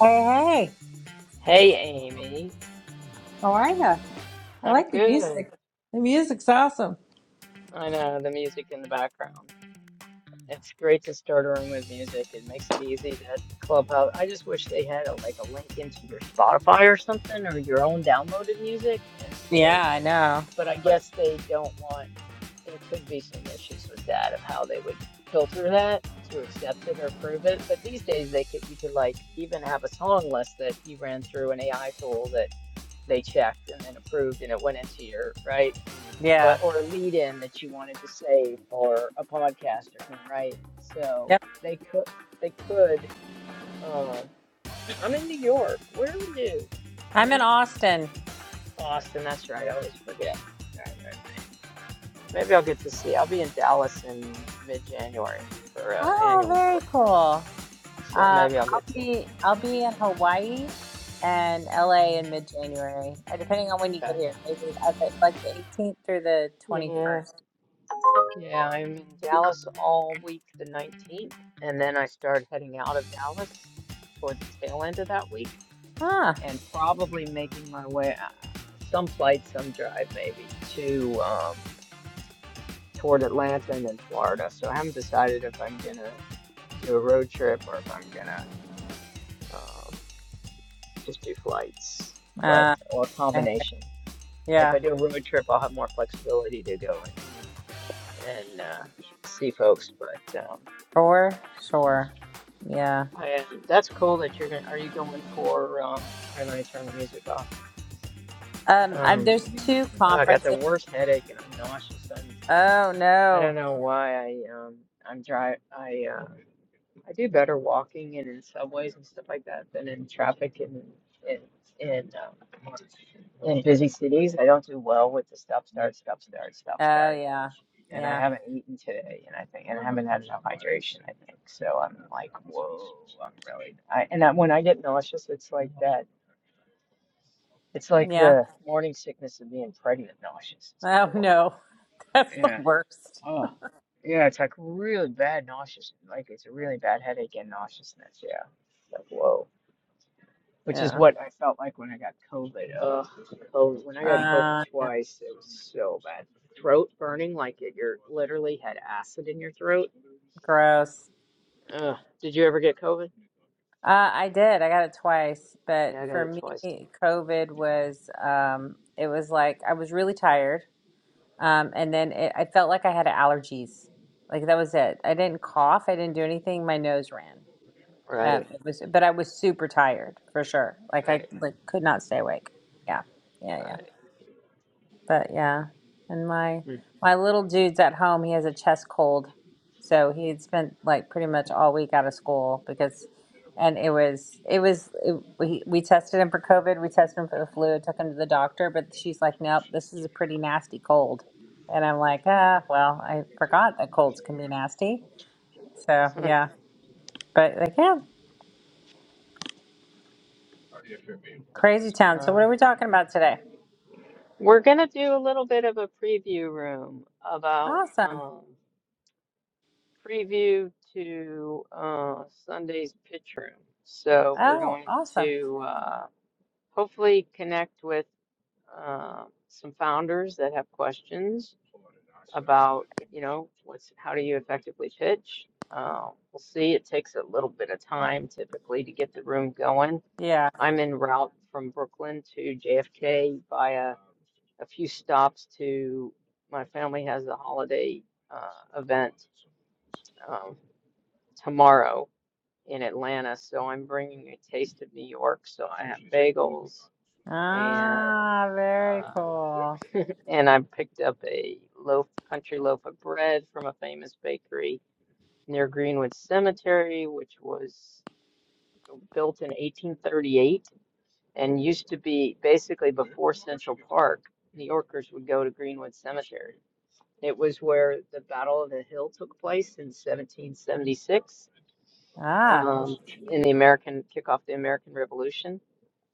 Hey, hey, Hey, Amy. how are you? I I'm like the good. music. The music's awesome. I know the music in the background. It's great to start a room with music. It makes it easy. That Clubhouse. I just wish they had a, like a link into your Spotify or something or your own downloaded music. And Yeah, so, I know. but I guess they don't want. There could be some issues with that of how they would filter that to accept it or approve it. But these days, they could you could like even have a song list that you ran through an AI tool that they checked and then approved and it went into your right Yeah. but or a lead in that you wanted to say for a podcaster right? So Yep. they could they could uh, I'm in New York. Where are you? I'm I'm in in Austin. Boston, that's right, I always forget. All right, all right. Maybe I'll get to see. I'll be in Dallas in mid January for an uh, Oh, annual very break. cool. So Um, maybe I'll I'll get to be I'll be in Hawaii and LA in mid-January, uh, depending on when you get that. here. Maybe at the, like the 18th through the Yeah. 21st. Yeah, I'm in Dallas all week the 19th, and then I start heading out of Dallas towards the tail end of that week. Ah, and probably making my way uh, some flight, some drive, maybe to um, toward Atlanta and then Florida. So I haven't decided if I'm gonna do a road trip or if I'm gonna um, just do flights, but uh, or a I- combination. If yeah, I do a road trip, I'll have more flexibility to go and, and uh, see folks. But um, for sure. Yeah. I, that's cool that you're gonna. Are you going for? Um, why I turn the music off? Um, I, Um, there's two Oh, I got the conferences. worst headache and I'm nauseous. I'm Oh I don't no. know why I um I'm dry I uh I do better walking and in subways and stuff like that than in traffic and in in, in, um, in busy cities. I don't do well with the stop start stop start stop Oh start. yeah. And I Yeah. haven't eaten today, and I think, and I haven't had enough hydration, I think. So I'm like, whoa, I'm really. I, and that, when I get nauseous, it's like that. It's like Yeah. the morning sickness of being pregnant nauseous. It's Oh horrible. no, that's the worst. Yeah, it's like really bad nauseous. Like it's a really bad headache and nauseousness. Yeah. Like whoa. Which is Yeah. what I felt like when I got COVID. Ugh, COVID. When I got COVID Uh, yeah. twice, it was so bad. Throat burning, like it, you're literally had acid in your throat. Gross. Ugh. Did you ever get COVID? Uh, I did. I got it twice, but Yeah, I got for it me, twice. COVID was. Um, it was like I was really tired, um, and then it, I felt like I had allergies. Like that was it. I didn't cough. I didn't do anything. My nose ran. Um, Right, it was, but I was super tired for sure. Like I right, like could not stay awake. Yeah, yeah, yeah. right. But yeah, and my my little dude's at home. He has a chest cold, so he had spent like pretty much all week out of school because, and it was it was it, we we tested him for COVID, we tested him for the flu, took him to the doctor, but she's like, nope, this is a pretty nasty cold, and I'm like, ah, well, I forgot that colds can be nasty. So Hmm. yeah, but like yeah, crazy town. So what Um, are we talking about today? We're gonna do a little bit of a preview room about. Awesome. um, preview to uh, Sunday's pitch room. So we're Oh, going awesome. to uh, hopefully connect with uh, some founders that have questions about, you know, what's how do you effectively pitch? Uh, we'll see. It takes a little bit of time typically to get the room going. Yeah. I'm en route from Brooklyn to JFK via a few stops to my family has a holiday uh, event um, tomorrow. in Atlanta, so I'm bringing a taste of New York. So I have bagels and Ah, very uh, cool. and I picked up a loaf, country loaf of bread from a famous bakery near Greenwood Cemetery, which was built in 1838 and used to be basically before Central Park. New Yorkers would go to Greenwood Cemetery. It was where the Battle of the Hill took place in 1776 Ah, um, in the American kick off the American Revolution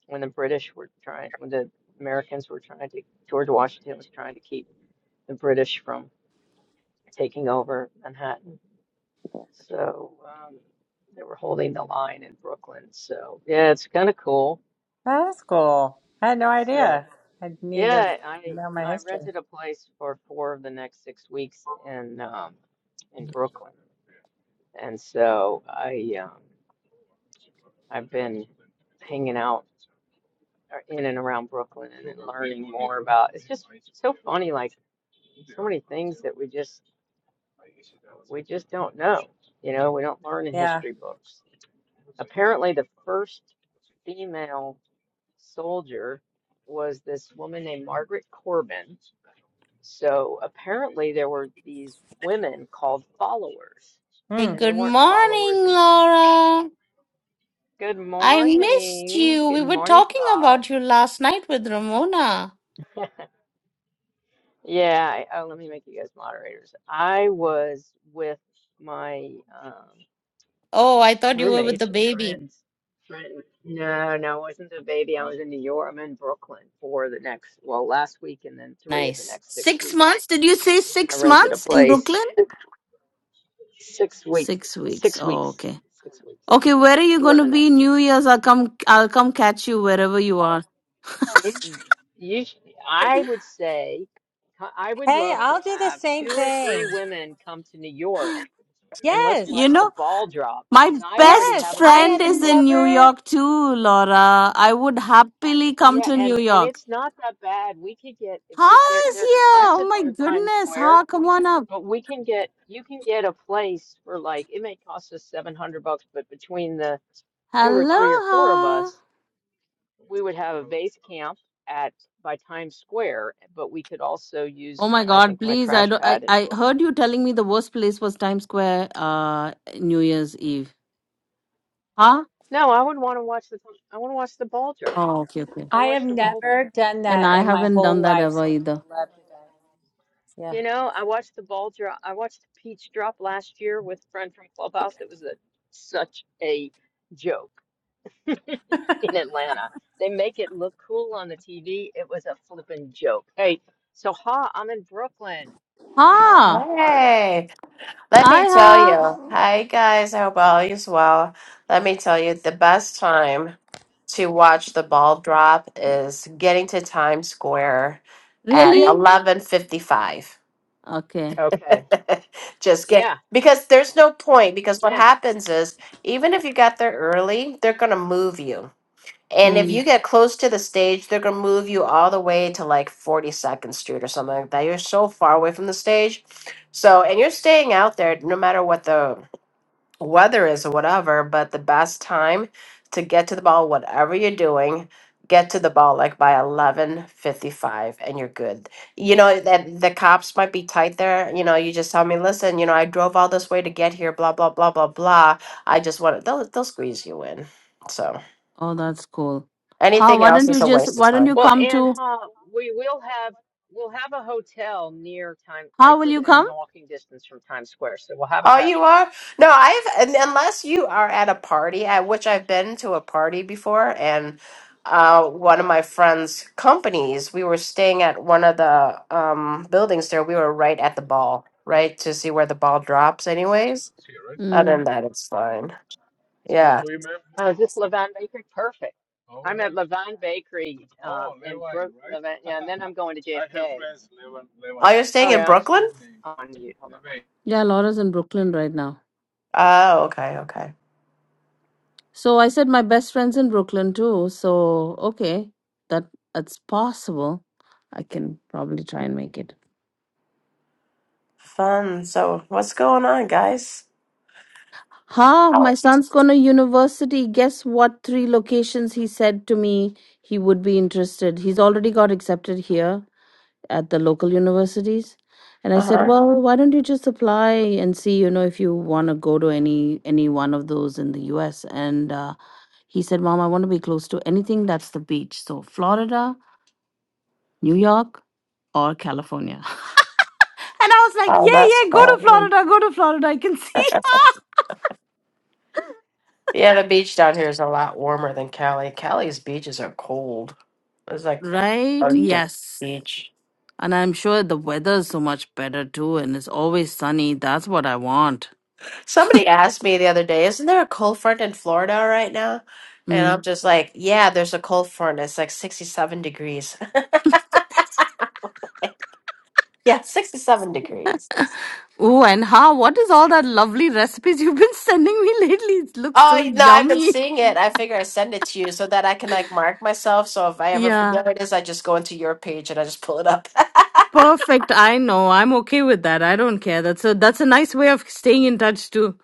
when the British were trying, when the Americans were trying to, George Washington was trying to keep the British from taking over Manhattan. So um, they were holding the line in Brooklyn. So yeah, it's kind of cool. that's cool. I had no So idea. I need to yeah, I know my I history. rented a place for four of the next six weeks in um, in Brooklyn, and so I um, I've been hanging out are in and around Brooklyn and then learning more about, it's just so funny, like so many things that we just, we just don't know. You know, we don't learn in Yeah. history books. Apparently, the first female soldier was this woman named Margaret Corbin. So apparently, there were these women called followers, Hey, Hmm. and they good weren't morning, followers until. Laura. Good I missed morning. you. We Good were morning, talking Paul. about you last night with Ramona. Yeah, I, oh, let me make you guys moderators. I was with my um, Oh, I thought you were with the roommates or baby. friends. Friend, no, no, it wasn't a baby. I was in New York. I'm in Brooklyn for the next, well, last week and then three of the Nice. next six Six weeks. months? Did you say I six rented a months in place Brooklyn? six week, Six weeks. six Oh, weeks, okay. six weeks Okay, where are you going for to the be next New six Year's? I'll weeks. come. I'll come catch you wherever you are. Mm. You, sh- I would say, I would Hey, love to I'll do the have same two or three thing. women come to New York and let's Yes. You watch the know, ball drop my because I already best Yes. have a I friend place have in is in New Brooklyn. never York too, Laura. I would happily come Yeah, to New and and York. it's not that bad. We could get if Ha we they're is they're here. Oh expensive my near Times goodness. Square, Ha, come on up. but we can get you can get a place for like it may cost us 700 bucks, but between the two or three or four of Aloha. us, we would have a base camp at by Times Square, but we could also Oh use my I God, think my please. I crash don't I, pad in I heard Brooklyn. you telling me the worst place was Times Square uh New Year's Eve. Huh? No, I would want to watch the I want to watch the ball drop. Oh, okay, okay. I I have watch the ball. never done And that Yeah. I in my haven't done whole that life, ever so I either. would love to do that. Yeah. You know, I watched the ball drop. I watched the peach drop last year with a friend from Clubhouse. It was a, such a joke in Atlanta. They make it look cool on the TV. It was a flippin' joke. Hey, so Ha, I'm in Brooklyn, and Ha's in Ha! Florida. Hey, let I me tell ha. you. Hi guys, I hope all is well. Let me tell you, the best time to watch the ball drop is getting to Times Square at Really? eleven fifty-five. Okay. Okay. Just get Yeah, because there's no point because what yeah. happens is even if you got there early, they're gonna move you. And if you Mm. get close to the stage, they're gonna move you all the way to like 42nd Street or something like that. You're so far away from the stage. So, and you're staying out there no matter what the weather is or whatever, but the best time to get to the ball, whatever you're doing, get to the ball like by 11:55 and you're good. You know that the cops might be tight there. You know, you just tell me, "Listen, you know, I drove all this way to get here, blah blah blah blah blah. I just want to they'll they'll squeeze you in." So Oh, that's cool. How Anything why don't else you is a just waste why of don't you time. Well, come and to Ha, we will have we'll have a hotel near time, like how will you within come? walking distance from Times Square. So we'll have a Oh, you crash pad. are? No, I've un- unless you are at a party, at which I've been to a party before, and uh, one of my friends' companies, we were staying at one of the um, buildings there. We were right at the ball, right to see where the ball drops. Anyways, other Mm. than that, it's fine. Yeah. Oh, is this Levon Bakery? Perfect. I'm at yes. Levon Bakery um, in Brook, Levant. Yeah, and then I'm going to JFK. Oh, you're staying Oh, in yeah. Brooklyn? On you. Hold on. Yeah, Laura's in Brooklyn right now. Oh, okay, okay. So I said my best friends in Brooklyn too. So okay, that that's possible. I can probably try and make it. Fun. So, what's going on, guys? Ha! My son's going to university. Guess what? Three locations he said to me he would be interested. He's already got accepted here at the local universities. And I Uh said, huh. well, why don't you just apply and see, you know, if you want to go to any any one of those in the U.S. And uh, he said, Mom, I want to be close to anything that's the beach. So Florida, New York, or California. And I was like, Oh, yeah, yeah, that's go to fun. Florida, go to Florida. I can see Yeah, the beach down here is a lot warmer than Cali. Cali's beaches are cold. It's like Right? Arctic Yes. beach. And I'm sure the weather is so much better too, and it's always sunny. That's what I want. Somebody asked me the other day, "Isn't there a cold front in Florida right now?" And Mm. I'm just like, "Yeah, there's a cold front. It's like 67 degrees." yeah, 67 degrees. Oh, and how? What is all that lovely recipes you've been sending me lately? It looks Oh so no, I've been yummy. seeing it. I figure I send it to you so that I can like mark myself. So if I ever Yeah. forget what it is, I just go into your page and I just pull it up. Perfect. I know. I'm okay with that. I don't care. That's a that's a nice way of staying in touch too.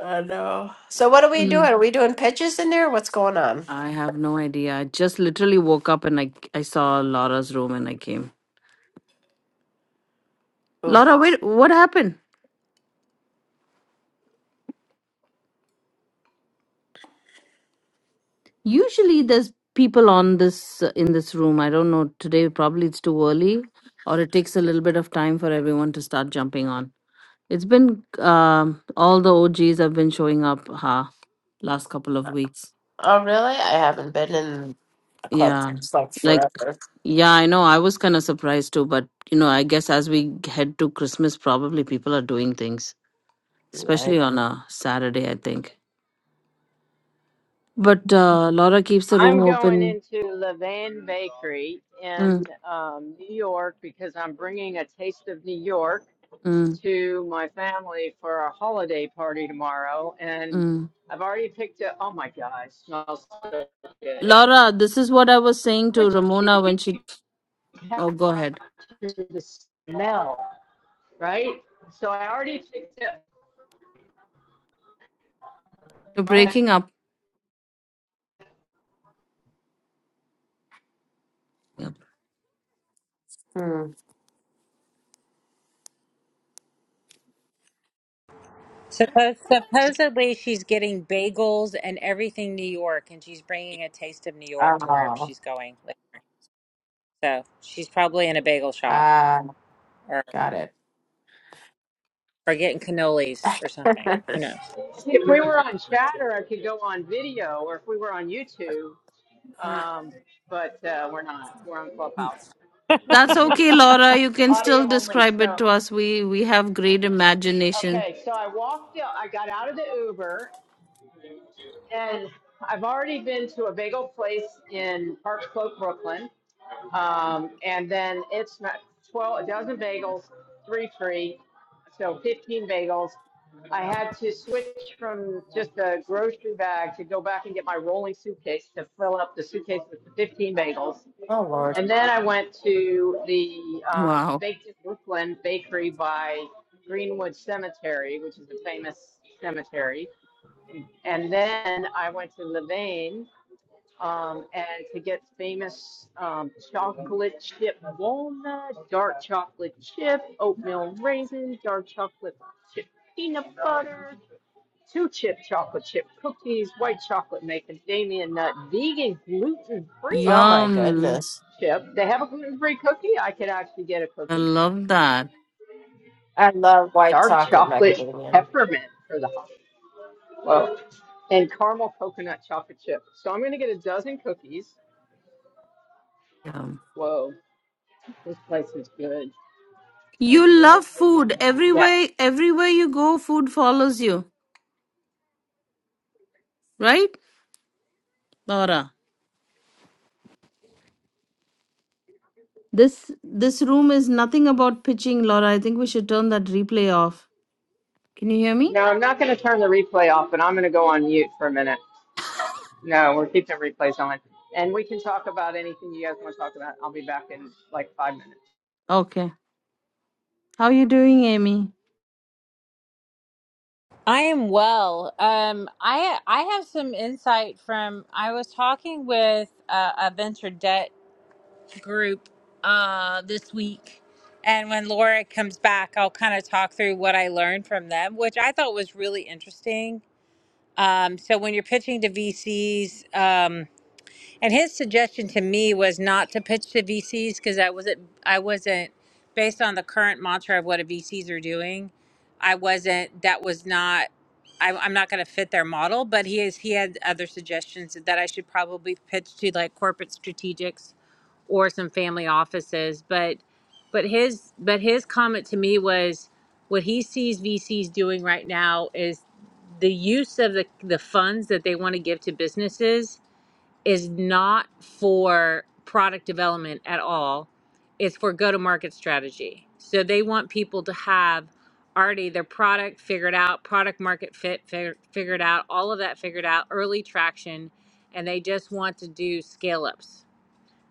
I know. So what are we Mm. doing? Are we doing pitches in there? What's going on? I have no idea. I just literally woke up and I I saw Laura's room and I came. Ooh. Laura, wait, what happened? Usually there's people on this uh, in this room. I don't know. Today probably it's too early or it takes a little bit of time for everyone to start jumping on. It's been um all the OGs have been showing up ha last couple of weeks. Oh, really? I haven't been in a club Yeah. since like Like forever. yeah, I know. I was kind of surprised too, but you know, I guess as we head to Christmas probably people are doing things, Right. especially on a Saturday, I think. But uh Laura keeps the room I'm going open. into Levan Levan. Bakery in Mm, um, New York because I'm bringing a taste of New York mm, to my family for a holiday party tomorrow. And mm. I've already picked up, oh my God, it smells so good. Laura, this is what I was saying I wish to Ramona when she. you could Oh, go ahead. capture the smell. right? So I already picked You're up. breaking up. Yeah. Hmm. Suppose, supposedly she's getting bagels and everything New York and she's bringing a taste of New York to wherever Oh, she's going. Like, So, she's probably in a bagel shop ah, or got it. or getting cannolis or something. Who knows? if we were on chatter, I could go on video, or if we were on YouTube, um, but uh, we're not. We're on Clubhouse, That's okay, Laura. You can still audio only. describe it So to us. We we have great imagination. okay, so I walked. out- I got out of the Uber, and I've already been to a bagel place in Park Slope, Brooklyn, um, and then it's not twelve a dozen bagels, three free, so fifteen bagels. I had to switch from just a grocery bag to go back and get my rolling suitcase to fill up the suitcase with the 15 bagels. oh, Lord. And then I went to the um, Wow. Baked in Brooklyn bakery by Greenwood Cemetery, which is a famous cemetery. And then I went to Levain um, and to get famous um, chocolate chip walnut, dark chocolate chip, oatmeal raisin, dark chocolate chip peanut butter, two chip chocolate chip cookies, white chocolate macadamia nut, vegan gluten Oh, free my Yum. goodness. chip. They have a gluten free cookie. I could actually get a I cookie. love that. I love white Dark chocolate chocolate macadamia. peppermint for the hot. Whoa. And caramel coconut chocolate chip. So I'm going to get a dozen cookies. Yum. Whoa. This place is good. You love food. Yeah. Everywhere everywhere you go, food follows you. Right? Laura. This this room is nothing about pitching, Laura. I think we should turn that replay off. Can you hear me? No, I'm not going to turn the replay off, but I'm going to go on mute for a minute. No, we're keeping replays on. And we can talk about anything you guys want to talk about. I'll be back in like five minutes. Okay. How you doing, Amy? I am well. Um, I I have some insight from I was talking with uh, a venture debt group uh, this week, and when Laura comes back, I'll kind of talk through what I learned from them, which I thought was really interesting. Um, so when you're pitching to VCs, and his suggestion to me was not to pitch to VCs because I wasn't I wasn't based on the current mantra of what a VCs are doing. I wasn't that was not I, I'm not going to fit their model. But he is he had other suggestions that I should probably pitch to like corporate strategics or some family offices. But but his but his comment to me was what he sees VCs doing right now is the use of the, the funds that they want to give to businesses is not for product development at all. It's for go to market strategy. So they want people to have already their product figured out, product market fit fig- figured out, all of that figured out, early traction, and they just want to do scale ups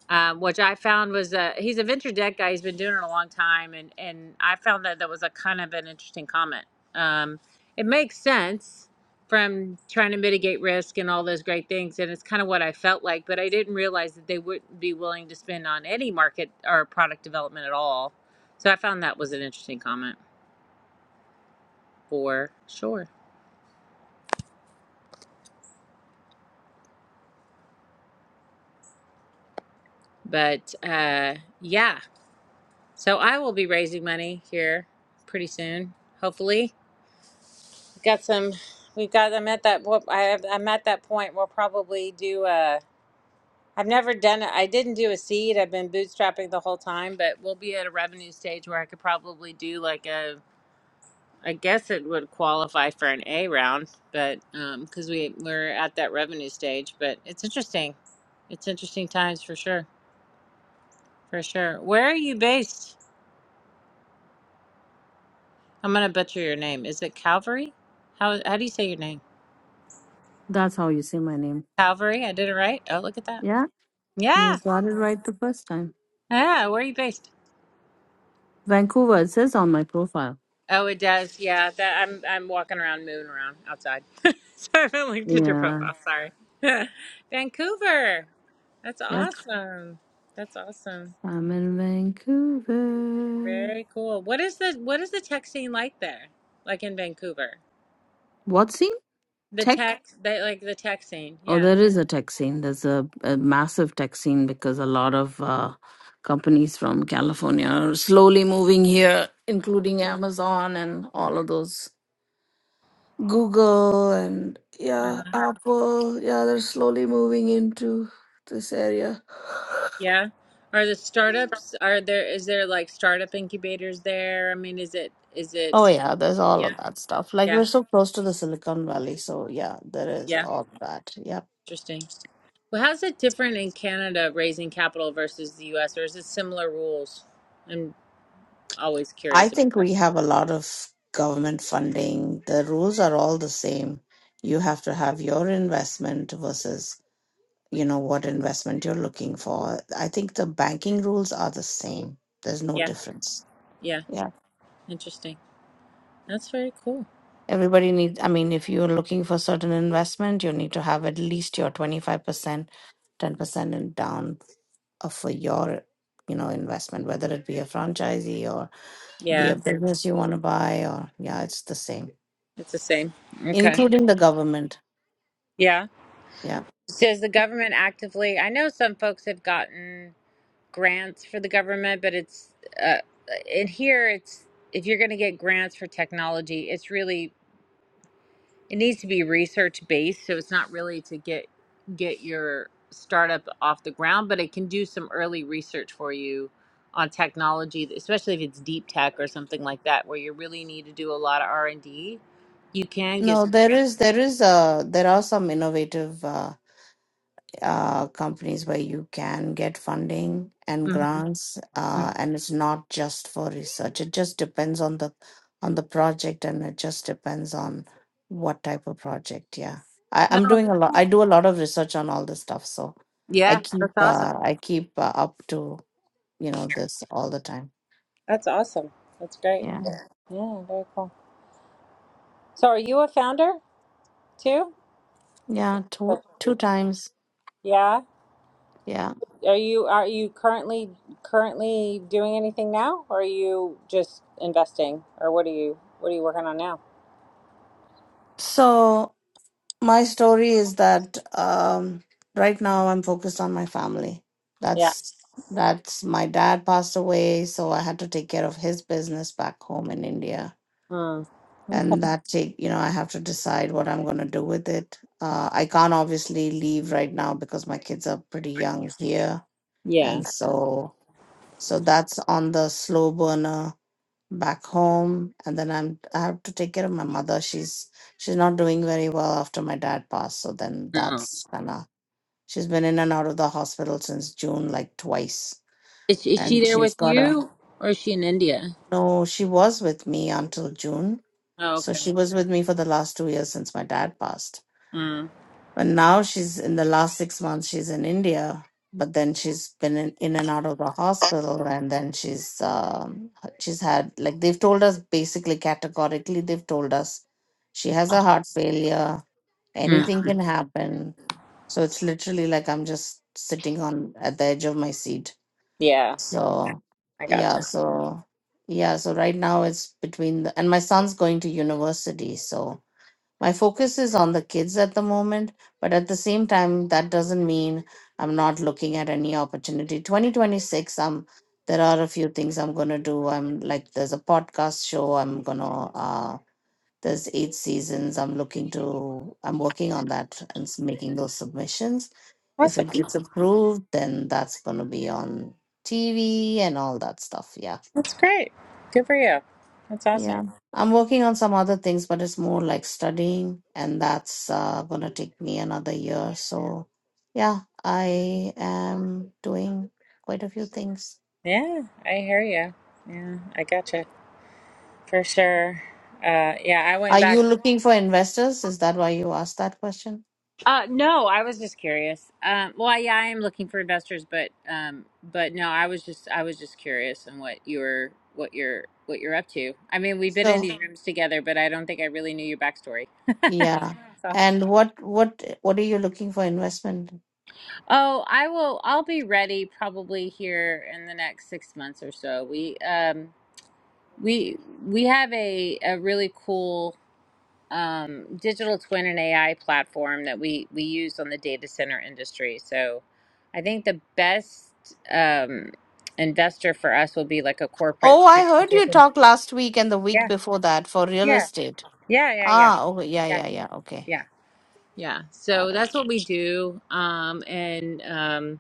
um, which I found was a he's a venture debt guy. He's been doing it a long time, and and I found that that was a kind of an interesting comment. Um, it makes sense from trying to mitigate risk and all those great things, and it's kind of what I felt like. But I didn't realize that they wouldn't be willing to spend on any market or product development at all. So I found that was an interesting comment for sure. But uh, yeah, so I will be raising money here pretty soon, hopefully. got some we've got i'm at that what i have i'm at that point we'll probably do a i've never done it i didn't do a seed i've been bootstrapping the whole time but we'll be at a revenue stage where i could probably do like a i guess it would qualify for an a round but um because we we're at that revenue stage but it's interesting it's interesting times for sure for sure where are you based i'm gonna butcher your name is it calvary how how do you say your name That's how you say my name. calvary i did it right oh look at that Yeah, you yeah got it right the first time. Ah, where are you based? Vancouver, it says on my profile. Oh, it does. Yeah, that I'm I'm walking around, moving around outside. so I haven't looked at your Yeah. profile. Sorry. Vancouver. That's Yep. awesome. That's awesome. I'm in Vancouver. Very cool. What is the what is the tech scene like there? Like in Vancouver? What scene? The Tech? tech that like the tech scene. Oh, Yeah. there is a tech scene. There's a, a massive tech scene because a lot of uh, companies from California are slowly moving here, including Amazon and all of those. Google and yeah, Uh-huh. Apple. Yeah, they're slowly moving into this area. Yeah. Are the startups are there is there like startup incubators there? I mean, is it is it Oh yeah, there's all of yeah. that stuff. Like we're Yeah. so close to the Silicon Valley, so yeah, there is Yeah. all that. Yeah. Interesting. Well, how's it different in Canada raising capital versus the US, or is it similar rules? I'm always I curious about think that. we have a lot of government funding. The rules are all the same. You have to have your investment versus, you know, what investment you're looking for. I think the banking rules are the same. There's no Yeah, difference. yeah, Yeah. interesting. That's very cool. Everybody needs, I mean, if you're looking for certain investment, you need to have at least your 25%, 10% in down uh, for your you know investment whether it be a franchisee or be a Yeah, business you want to buy or yeah it's the same it's the same. Okay. including the government Yeah. yeah Does the government actively? I know some folks have gotten grants for the government, but it's uh, in here. It's if you're going to get grants for technology, it's really it needs to be research based so it's not really to get get your startup off the ground but it can do some early research for you on technology especially if it's deep tech or something like that where you really need to do a lot of r&d you can get no some there grants is there is uh there are some innovative uh uh, companies where you can get funding and mm-hmm. grants, uh, and it's not just for research. It just depends on the on the project, and it just depends on what type of project. Yeah, I, No, I'm doing that's- a lot. I do a lot of research on all this stuff, so I yeah keep that's awesome uh, I keep uh, up to you know this all the time. that's awesome that's great Yeah, yeah very cool so are you a founder too yeah, Such two a two reach. times. yeah Yeah. Are you are you currently currently doing anything now, or are you just investing, or what are you what are you working on now? So My story is that um, right now I'm focused on my family. Yeah. That's that's my dad passed away, so I had to take care of his business back home in India, Mm. Okay. and that take you know I have to decide what I'm going to do with it. Uh, I can't obviously leave right now because my kids are pretty young here, Yeah. and so so that's on the slow burner back home. And then I'm I have to take care of my mother. She's she's not doing very well after my dad passed. So then No. that's kinda she's been in and out of the hospital since June like twice. Is, is she And there she's with got a you or is she in India? no, she was with me until June. Oh, So okay. she was with me for the last two years since my dad passed. Mm. But now she's in the last six months, she's in India, but then she's been in, in and out of the hospital. And then she's, um, she's had, like, they've told us basically categorically, they've told us she has a heart failure, Mm. anything can happen. So it's literally like I'm just sitting on at the edge of my seat. Yeah, So, I got yeah, you. so, yeah, so right now it's between the, and my son's going to university. So, my focus is on the kids at the moment but at the same time that doesn't mean i'm not looking at any opportunity 2026 i'm there are a few things i'm going to do i'm like there's a podcast show i'm going to uh there's eight seasons i'm looking to i'm working on that and s- making those submissions if Awesome. it gets approved then that's going to be on tv and all that stuff yeah That's great. Good for you. That's awesome. yeah. I'm working on some other things, but it's more like studying, and that's uh, going to take me another year. So, yeah, I am doing quite a few things. Yeah, I hear you. Yeah, I got you for sure. Uh, yeah, I Are went you back. looking for investors? Is that why you asked that question? Uh, no, I was just curious. Um, well, yeah, I am looking for investors, but um, but no, I was just I was just curious on what you were what you're what you're up to. I mean, we've been in So, these rooms together, but I don't think I really knew your backstory. yeah. So, And what what what are you looking for investment? oh, I will. I'll be ready probably here in the next six months or so. We um we we have a a really cool um, digital twin and AI platform that we we use on the data center industry. So, I think the best um, investor for us will be like a corporate Oh, I heard strategic. you and- talk last week and the week Yeah, before that for real yeah, estate. yeah, yeah, yeah, Ah, okay. Yeah, yeah, yeah, yeah. Okay. yeah, yeah. Got So it. that's what we do. Um, and um,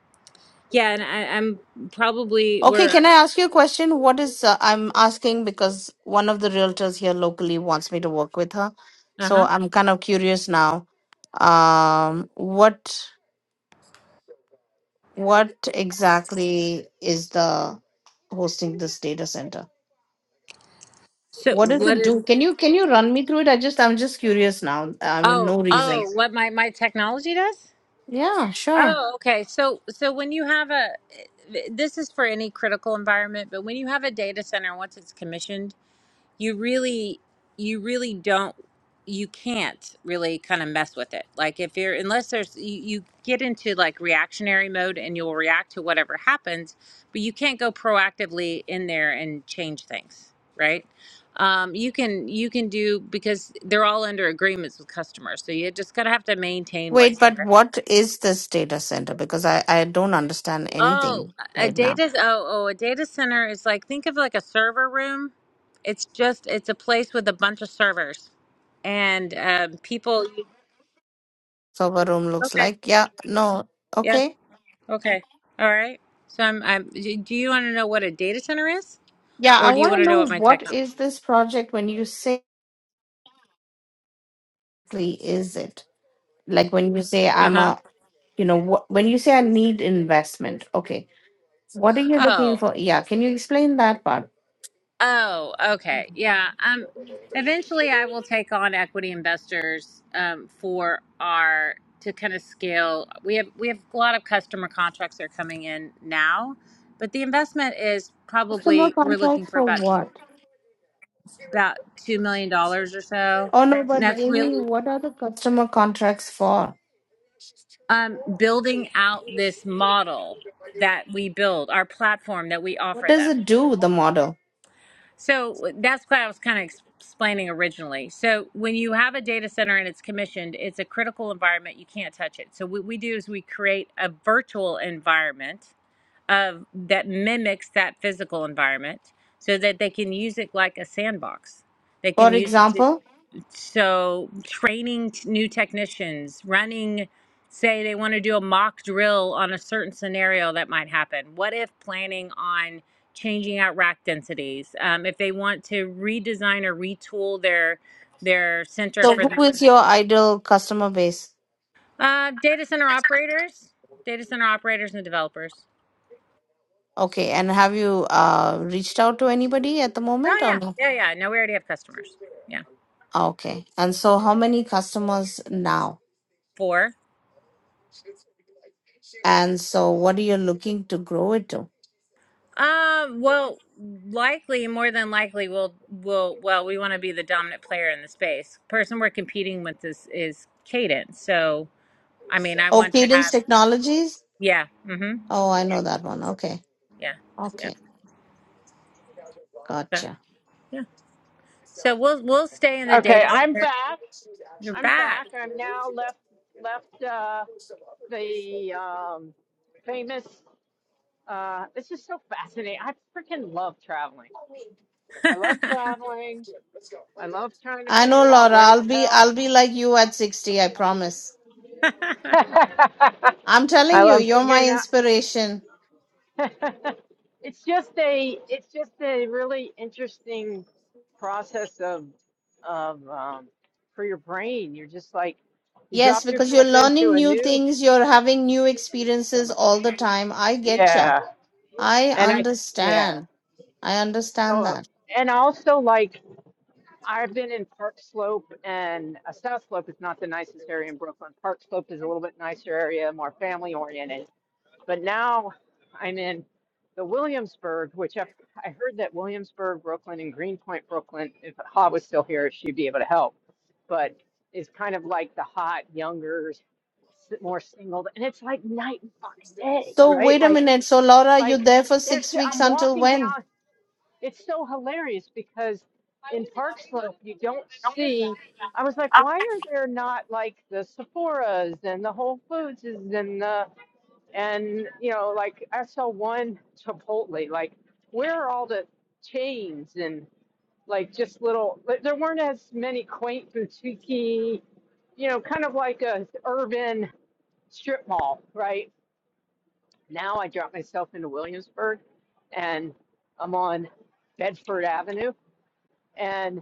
yeah, and I, I'm probably Okay, we're can I ask you a question? What is uh, I'm asking because one of the realtors here locally wants me to work with her. uh So huh. I'm kind of curious now. Um, what what exactly is the hosting this data center? So What does what it is do? Can you can you run me through it? I just I'm just curious now. I mean, oh no reason. oh what my my technology does? Yeah, sure. Oh, okay. So, so when you have a, this is for any critical environment, but when you have a data center, once it's commissioned, you really, you really don't, you can't really kind of mess with it. Like if you're, unless there's, you, you get into like reactionary mode and you'll react to whatever happens, but you can't go proactively in there and change things, right? Um, you can, you can do, because they're all under agreements with customers. So you just gotta have to maintain what's Wait, but there. what is this data center? Because I I don't understand Oh, anything a right now. data oh oh a data center is like think of like a server room. It's just it's a place with a bunch of servers and um, people. Server room looks Okay, like yeah no yeah, okay. okay, all right. So I'm I'm. Do do you want to know what a data center is, Yeah, or I do you want want to to know know what my tech? what is this project when you say exactly is it? Like when you say Uh I'm huh. a, you know, what when you say I need investment, okay. What are you looking Oh. for? Yeah, can you explain that part? Oh, okay. Yeah. Um eventually I will take on equity investors um for our to kind of scale. We have we have a lot of customer contracts that are coming in now, but the investment is Customer probably we're looking contracts for for about two, what? about 2 million dollars or so. Oh no, And but that's Amy, really what are the customer contracts for? um building out this model that we build, our platform that we What offer them. does it do, the model? So that's what I was kind of explaining originally. So when you have a data center and it's commissioned, it's a critical environment. You can't touch it. So what we do is we create a virtual environment of that mimics that physical environment so that they can use it like a sandbox. They can For use it. example, So, training t- new technicians, running, say they want to do a mock drill on a certain scenario that might happen. What if planning on changing out rack densities? Um, if they want to redesign or retool their their center so for the who is your ideal customer base? uh, data center operators, data center operators and developers. Okay, and have you uh reached out to anybody at the moment Oh or yeah, no? yeah, yeah. No, we already have customers. Yeah, Okay. And so how many customers now? four. And so, what are you looking to grow it to? Um, well, likely, more than likely, we'll we'll well, we want to be the dominant player in the space. Person we're competing with is is Cadence. So, I mean, I Oh, want to Cadence have Technologies. yeah, mm-hmm, Oh, I know that one. Okay, yeah, yeah, okay, so, gotcha. yeah. So we'll we'll stay in the Okay, data I'm center. back. You're I'm back. back. I'm now left left uh, the um, famous. Uh, this is so fascinating. I freaking love traveling. I love traveling. I love trying to I know, figure out Laura. where I'll the be, hell. I'll be like you at sixty. I promise. I'm telling I you, love you're my figuring out. inspiration. it's just a. It's just a really interesting process of of um, for your brain. You're just like you Yes, drop because you're yourself into learning a new new. things. You're having new experiences all the time. I get ya. yeah. I And I, yeah. understand. I understand So, that. and also like I've been in Park Slope and uh, South Slope is not the nicest area in Brooklyn. Park Slope is a little bit nicer area, more family oriented. But now I'm in the Williamsburg, which I, I heard that Williamsburg, Brooklyn, and Greenpoint, Brooklyn, if Ha was still here, she'd be able to help. But is kind of like the hot, younger, s- more single. And it's like night and fucking day, So right? wait a Like, minute. So Laura, you like there for there's, six weeks I'm until walking when? down it's so hilarious because in Park Slope you don't see. I was like, why are there not like the Sephora's and the Whole Foods and the and you know like I saw one Chipotle. Like where are all the chains and like just little? like, There weren't as many quaint boutique, you know, kind of like a urban strip mall, right? Now I dropped myself into Williamsburg, and I'm on Bedford Avenue and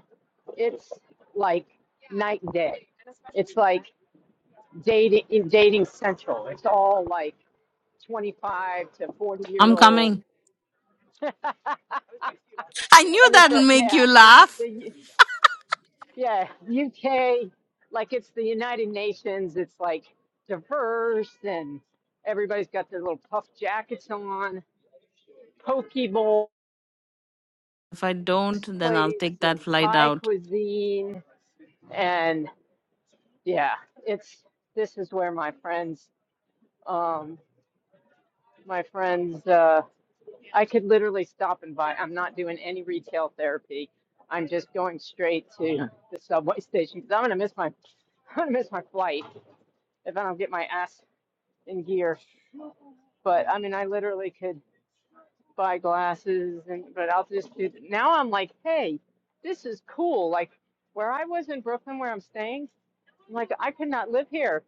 it's like night and day. It's like dating in dating central. It's all like 25 to 40 year I'm old. coming. and I knew it's a that'll make yeah. you laugh. The U- yeah, UK like it's the United Nations. It's like diverse and everybody's got their little puff jackets on. Poke bowls If I don't, then I'll place take that and flight Thai out cuisine and yeah, it's this is where my friends, um, my friends, uh, I could literally stop and buy. I'm not doing any retail therapy. I'm just going straight to the subway station because i 'cause I'm gonna miss my, I'm gonna miss my flight if I don't get my ass in gear. But I mean, I literally could buy glasses and, but I'll just do. Now I'm like, hey, this is cool. Like where I was in Brooklyn, where I'm staying, I'm like I could not live here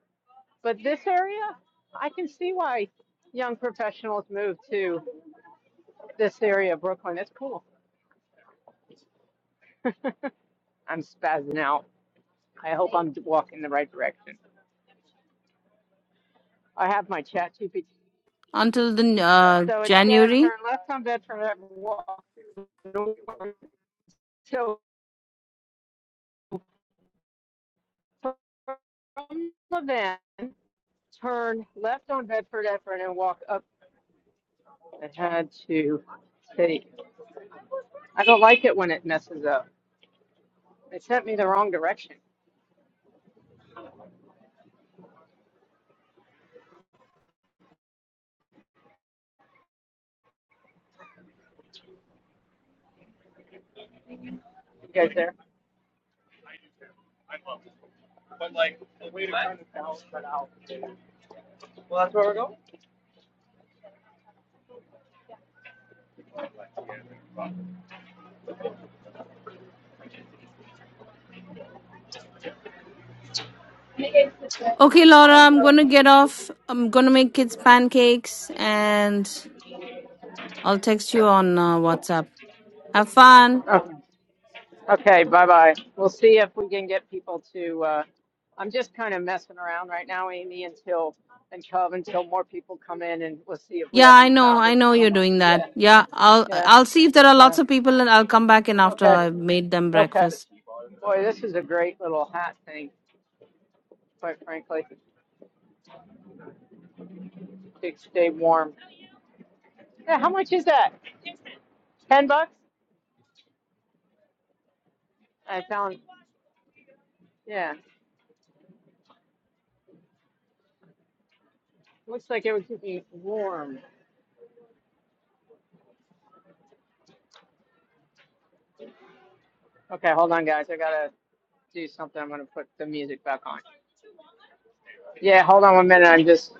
But this area, I can see why young professionals move to this area of Brooklyn. It's cool. I'm spazzing out. I hope I'm walking the right direction. I have my chat GPT. until the uh, So it said January. turn left on Bedford Avenue, walk north. So from the van, turn left on Bedford Avenue and walk up. I had to take. I don't like it when it messes up. It sent me the wrong direction. You guys there? Well, that's where we're going. Okay, Laura, I'm gonna get off. I'm gonna make kids pancakes, and I'll text you on uh, WhatsApp. Have fun. Oh, okay, bye bye. We'll see if we can get people to. Uh, I'm just kind of messing around right now, Amy, until and Cub until more people come in, and we'll see if we Yeah, have I any know. I founders know you're come up. doing that. Yeah, Yeah, I'll yeah, I'll see if there are yeah. lots of people, and I'll come back in after Okay, I've made them okay. breakfast. Boy, this is a great little hat thing. Quite frankly, to stay warm. Yeah, how much is that? Ten bucks? I found. Yeah, looks like it would keep me warm. Okay, hold on, guys. I gotta do something. I'm gonna put the music back on. Yeah, hold on one minute. I'm just.